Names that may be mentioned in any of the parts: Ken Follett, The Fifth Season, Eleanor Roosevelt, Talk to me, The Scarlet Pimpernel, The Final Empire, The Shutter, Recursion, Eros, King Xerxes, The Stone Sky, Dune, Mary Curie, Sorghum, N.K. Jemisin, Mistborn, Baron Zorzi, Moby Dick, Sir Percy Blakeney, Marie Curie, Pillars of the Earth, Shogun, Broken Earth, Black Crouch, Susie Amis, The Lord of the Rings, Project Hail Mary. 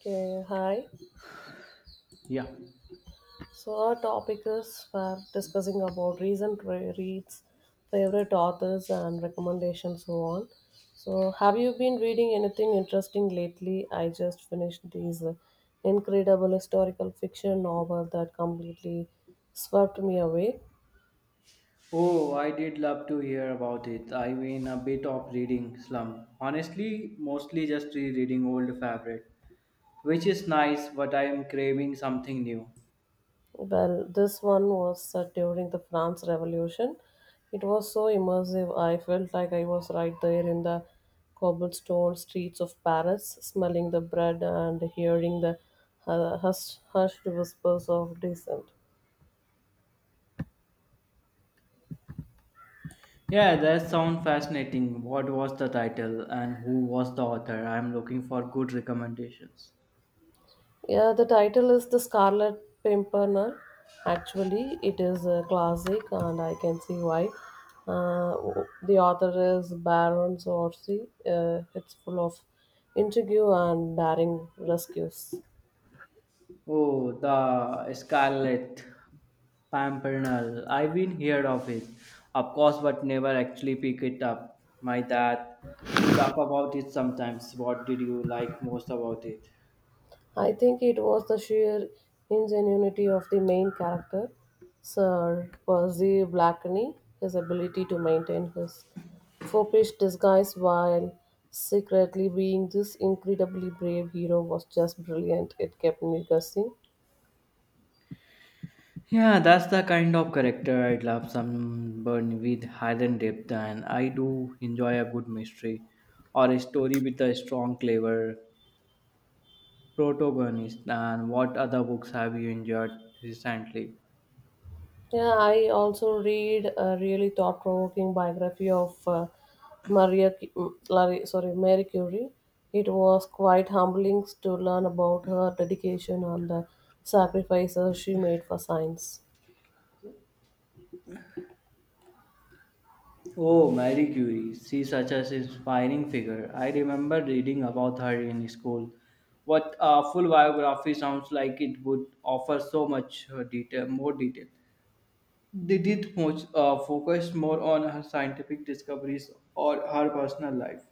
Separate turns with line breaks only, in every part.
Okay, hi.
Yeah.
So our topic is we're discussing about recent reads, favorite authors, and recommendations, so on. So, have you been reading anything interesting lately? I just finished this incredible historical fiction novel that completely swept me away.
Oh, I did love to hear about it. I'm in a bit of reading slump. Honestly, mostly just rereading old favorite, which is nice, but I am craving something new.
Well, this one was set during the France Revolution. It was so immersive, I felt like I was right there in the cobblestone streets of Paris, smelling the bread and hearing the hushed whispers of dissent.
Yeah, that sounds fascinating. What was the title and who was the author? I'm looking for good recommendations.
Yeah, the title is The Scarlet Pimpernel. Actually, it is a classic, and I can see why. Uh, the author is Baron Zorzi. It's full of intrigue and daring rescues.
Oh, the Scarlet Pimpernel. I've been heard of it, of course, but never actually pick it up. My dad to talk about it sometimes. What did you like most about it?
I think it was the sheer ingenuity of the main character, Sir Percy Blakeney, his ability to maintain his foppish disguise while secretly being this incredibly brave hero was just brilliant. It kept me guessing.
Yeah, that's the kind of character I'd love someone with hidden depth, and I do enjoy a good mystery or a story with a strong, clever protagonist. And what other books have you enjoyed recently?
Yeah, I also read a really thought-provoking biography of Maria, Cu- mm, Larry, sorry, Mary Curie. It was quite humbling to learn about her dedication and the sacrifices she made for science.
Oh, Marie Curie, she's such an inspiring figure. I remember reading about her in school. What a full biography sounds like it would offer so much detail, more detail. Did it much, focus more on her scientific discoveries or her personal life?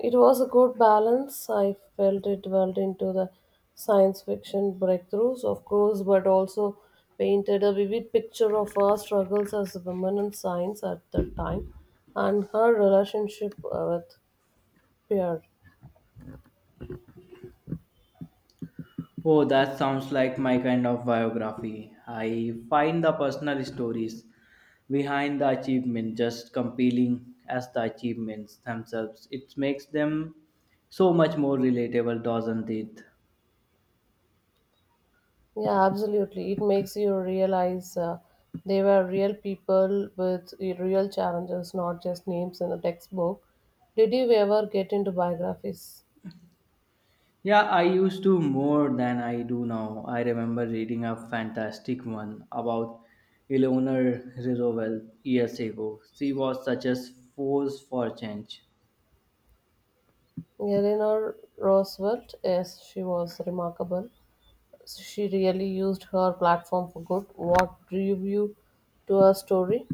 It was a good balance. I felt it dwelled into the science fiction breakthroughs, of course, but also painted a vivid picture of her struggles as a woman in science at that time and her relationship with peer.
Oh, that sounds like my kind of biography. I find the personal stories behind the achievement just compelling as the achievements themselves. It makes them so much more relatable, doesn't it?
Yeah, absolutely. It makes you realize they were real people with real challenges, not just names in a textbook. Did you ever get into biographies?
Yeah, I used to more than I do now. I remember reading a fantastic one about Eleanor Roosevelt years ago. She was such a force for change.
Eleanor Roosevelt, yes, she was remarkable. She really used her platform for good. What drew you to her story?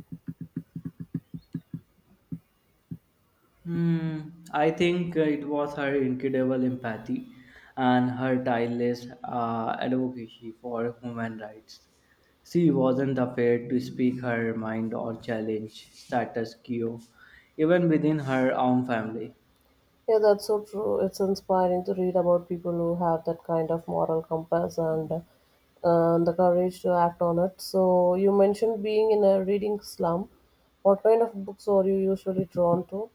Hmm, I think it was her incredible empathy and her tireless advocacy for human rights. She wasn't afraid to speak her mind or challenge status quo, even within her own family.
Yeah, that's so true. It's inspiring to read about people who have that kind of moral compass and the courage to act on it. So, you mentioned being in a reading slum. What kind of books are you usually drawn to?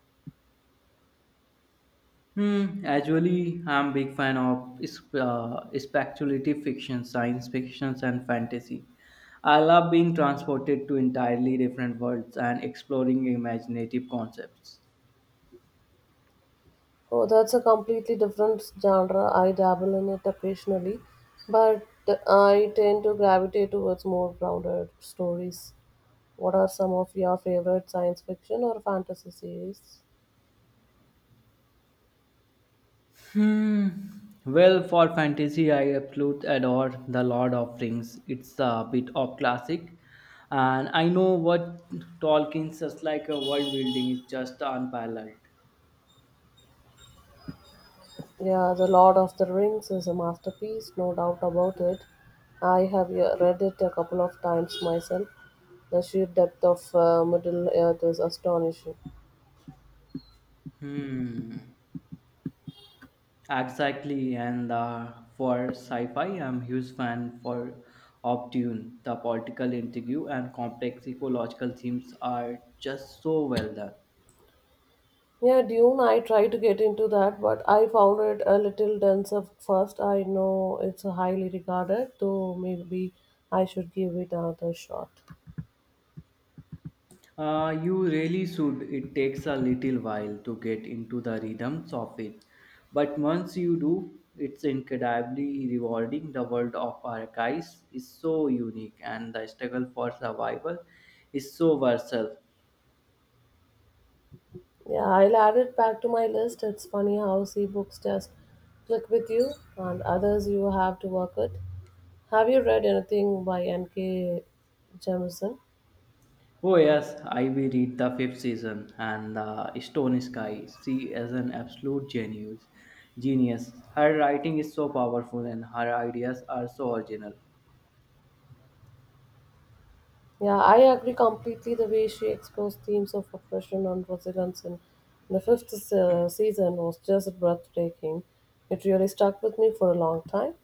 Hmm, actually, I'm a big fan of speculative fiction, science fictions, and fantasy. I love being transported to entirely different worlds and exploring imaginative concepts.
Oh, that's a completely different genre. I dabble in it occasionally, but I tend to gravitate towards more grounded stories. What are some of your favorite science fiction or fantasy series?
Hmm. Well, for fantasy, I absolutely adore The Lord of Rings. It's a bit of classic, and I know what Tolkien's just like a world building is just unparalleled.
Yeah, The Lord of the Rings is a masterpiece, no doubt about it. I have read it a couple of times myself. The sheer depth of Middle Earth is astonishing.
Hmm. Exactly, and for sci-fi, I'm huge fan for of Dune. The political intrigue and complex ecological themes are just so well done.
Yeah, Dune, I tried to get into that, but I found it a little dense at first. I know it's highly regarded, though maybe I should give it another shot.
You really should. It takes a little while to get into the rhythms of it. But once you do, it's incredibly rewarding. The world of archives is so unique and the struggle for survival is so versatile.
Yeah, I'll add it back to my list. It's funny how some books just click with you and others you have to work at. Have you read anything by N.K. Jemisin?
Oh, yes, I will read the fifth season and the Stone Sky. She is an absolute genius. Genius. Her writing is so powerful and her ideas are so original.
Yeah, I agree completely the way she explores themes of oppression and resilience in the fifth season was just breathtaking. It really stuck with me for a long time.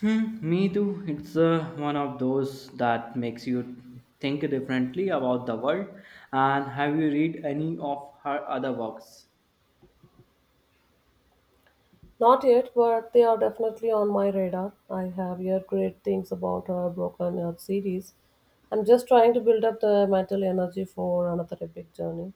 Hmm, me too. It's one of those that makes you think differently about the world. And have you read any of her other works?
Not yet, but they are definitely on my radar. I have heard great things about her Broken Earth series. I'm just trying to build up the mental energy for another epic journey.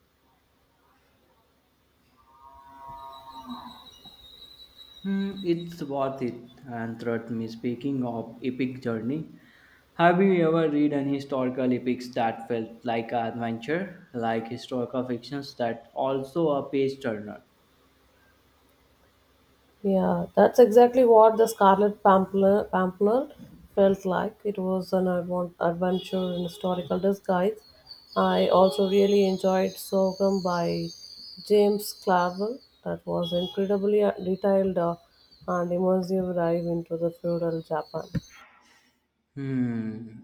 Hmm, it's worth it. And throughout me, speaking of epic journey, have you ever read any historical epics that felt like an adventure, like historical fictions that also a page turner?
Yeah, that's exactly what the Pampler felt like. It was an adventure in historical disguise. I also really enjoyed Sorghum by James Clavell. That was incredibly detailed and immersive dive into the feudal Japan.
Hmm.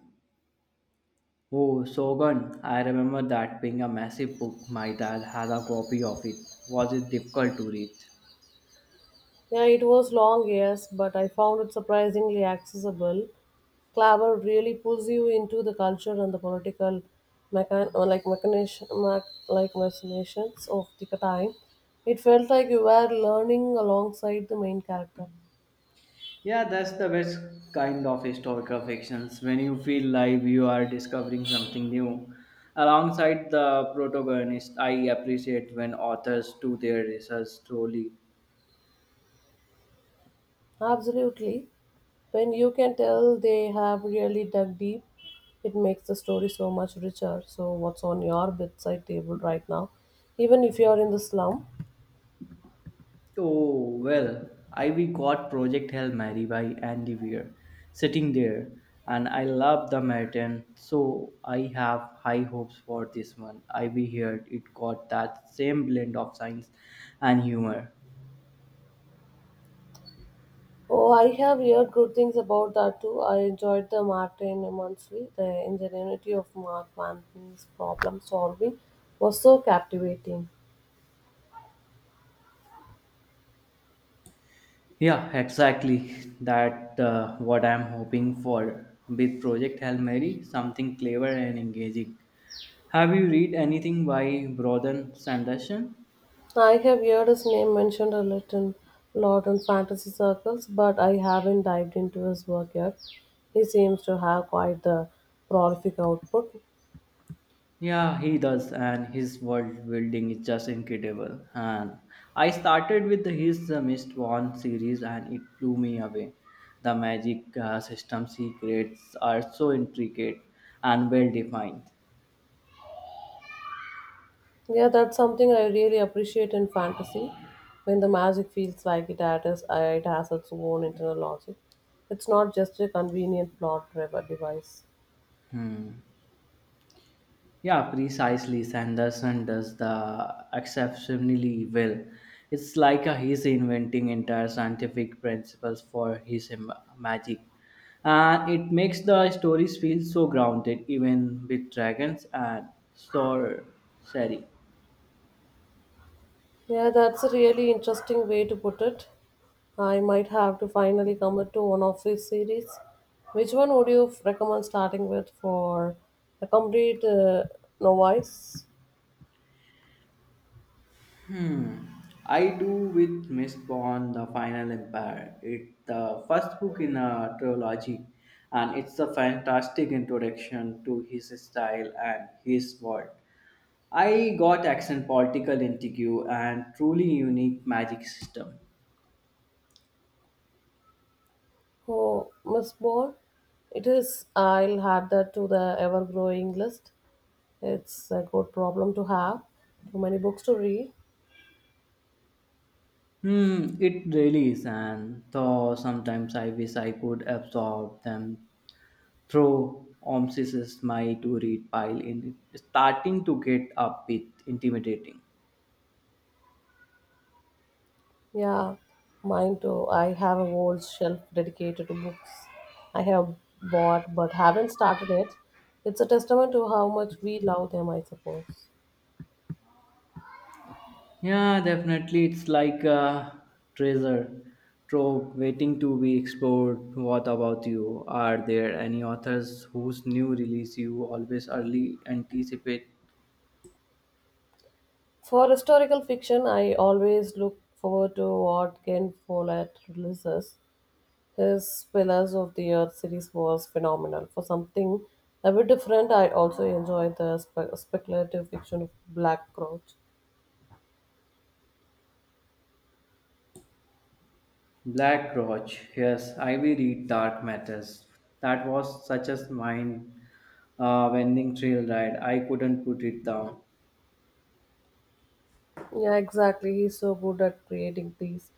Oh, Shogun. I remember that being a massive book. My dad had a copy of it. Was it difficult to read?
Yeah, it was long, yes, but I found it surprisingly accessible. Clabber really pulls you into the culture and the political like machinations of the time. It felt like you were learning alongside the main character.
Yeah, that's the best kind of historical fictions. When you feel like you are discovering something new alongside the protagonist, I appreciate when authors do their research thoroughly.
Absolutely. When you can tell they have really dug deep, it makes the story so much richer. So, what's on your bedside table right now? Even if you're in the slum,
Oh, well, Ivy got Project Hail Mary by Andy Weir sitting there, and I love the Merton, so I have high hopes for this one. Ivy heard it got that same blend of science and humor.
oh, I have heard good things about that too. I enjoyed the Martin immensely. The ingenuity of Mark Manton's problem solving was so captivating.
Yeah, exactly. That what I'm hoping for with Project Hail Mary, something clever and engaging. Have you read anything by Broden Sanderson?
I have heard his name mentioned a little lot in fantasy circles, but I haven't dived into his work yet. He seems to have quite the prolific output.
Yeah, he does, and his world building is just incredible. And I started with his Mist One series, and it blew me away. The magic systems he creates are so intricate and well defined.
Yeah, that's something I really appreciate in fantasy. When the magic feels like it has its own internal logic. It's not just a convenient plot driver device.
Yeah, precisely. Sanderson does the exceptionally well. It's like he's inventing entire scientific principles for his magic. And it makes the stories feel so grounded, even with dragons and sorcery.
Yeah, that's a really interesting way to put it. I might have to finally commit to one of these series. Which one would you recommend starting with for a complete novice?
Hmm. I do with Miss Bond, The Final Empire. It's the first book in a trilogy, and it's a fantastic introduction to his style and his world. I got accent political intrigue and truly unique magic system.
Oh, Miss Ball? It is. I'll add that to the ever growing list. It's a good problem to have. Too many books to read.
Hmm, it really is, and though sometimes I wish I could absorb them through Omsis's my to read pile in it, starting to get a bit intimidating.
Yeah, mine too. I have a whole shelf dedicated to books I have bought but haven't started yet. It's a testament to how much we love them, I suppose.
Yeah, definitely. It's like a treasure trove waiting to be explored. What about you? Are there any authors whose new release you always early anticipate?
For historical fiction, I always look forward to what Ken Follett releases. His Pillars of the Earth series was phenomenal. For something a bit different, I also enjoyed the speculative fiction of Black Crouch.
Black Roach. Yes, I will read Dark Matters. That was such a mind bending thrill ride. I couldn't put it down.
Yeah, exactly. He's so good at creating these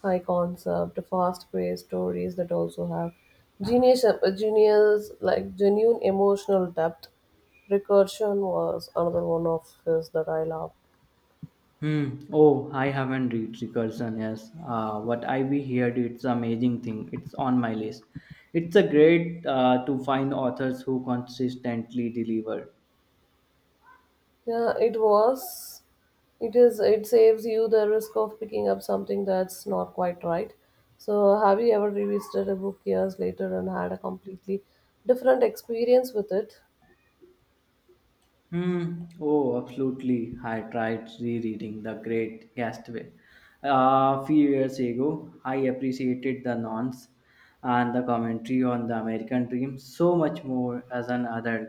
high concept, fast paced stories that also have genius, genius, like genuine emotional depth. Recursion was another one of his that I love.
Hmm. Oh, I haven't read Recursion. Yes. What I we heard, it's amazing thing. It's on my list. It's a great to find authors who consistently deliver.
Yeah, it was. It is. It saves you the risk of picking up something that's not quite right. So, have you ever revisited a book years later and had a completely different experience with it?
Hmm. Oh, absolutely. I tried rereading The Great Gatsby a few years ago. I appreciated the nonce and the commentary on the American dream so much more as an adult.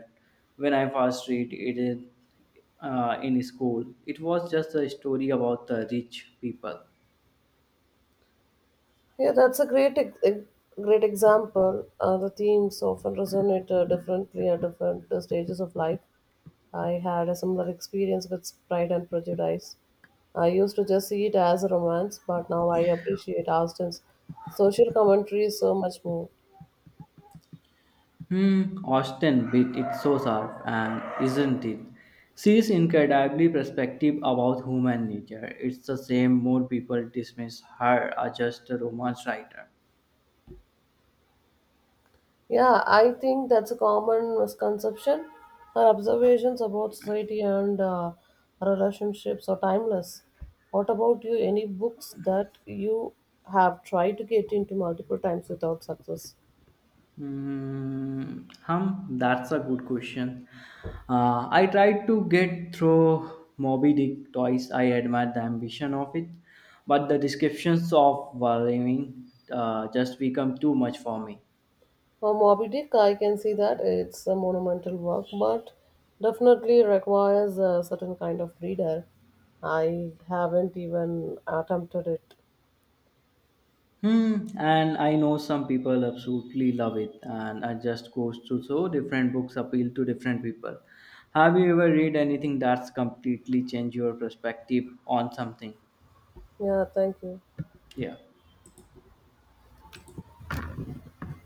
When I first read it in school, it was just a story about the rich people.
Yeah, that's a great example. The themes often resonate differently at different stages of life. I had a similar experience with Pride and Prejudice. I used to just see it as a romance, but now I appreciate Austen's social commentary so much more.
Hmm, Austin beat it so sharp, and isn't it? She is incredibly perspective about human nature. It's the same more people dismiss her as just a romance writer.
Yeah, I think that's a common misconception. Her observations about society and relationships are timeless. What about you? Any books that you have tried to get into multiple times without success?
Hmm, hum, that's a good question. I tried to get through Moby Dick twice. I admired the ambition of it, but the descriptions of Valving just become too much for me.
For Moby Dick, I can see that it's a monumental work, but definitely requires a certain kind of reader. I haven't even attempted it.
Hmm. And I know some people absolutely love it, and it just goes to show different books appeal to different people. Have you ever read anything that's completely changed your perspective on something?
Yeah, thank you.
Yeah.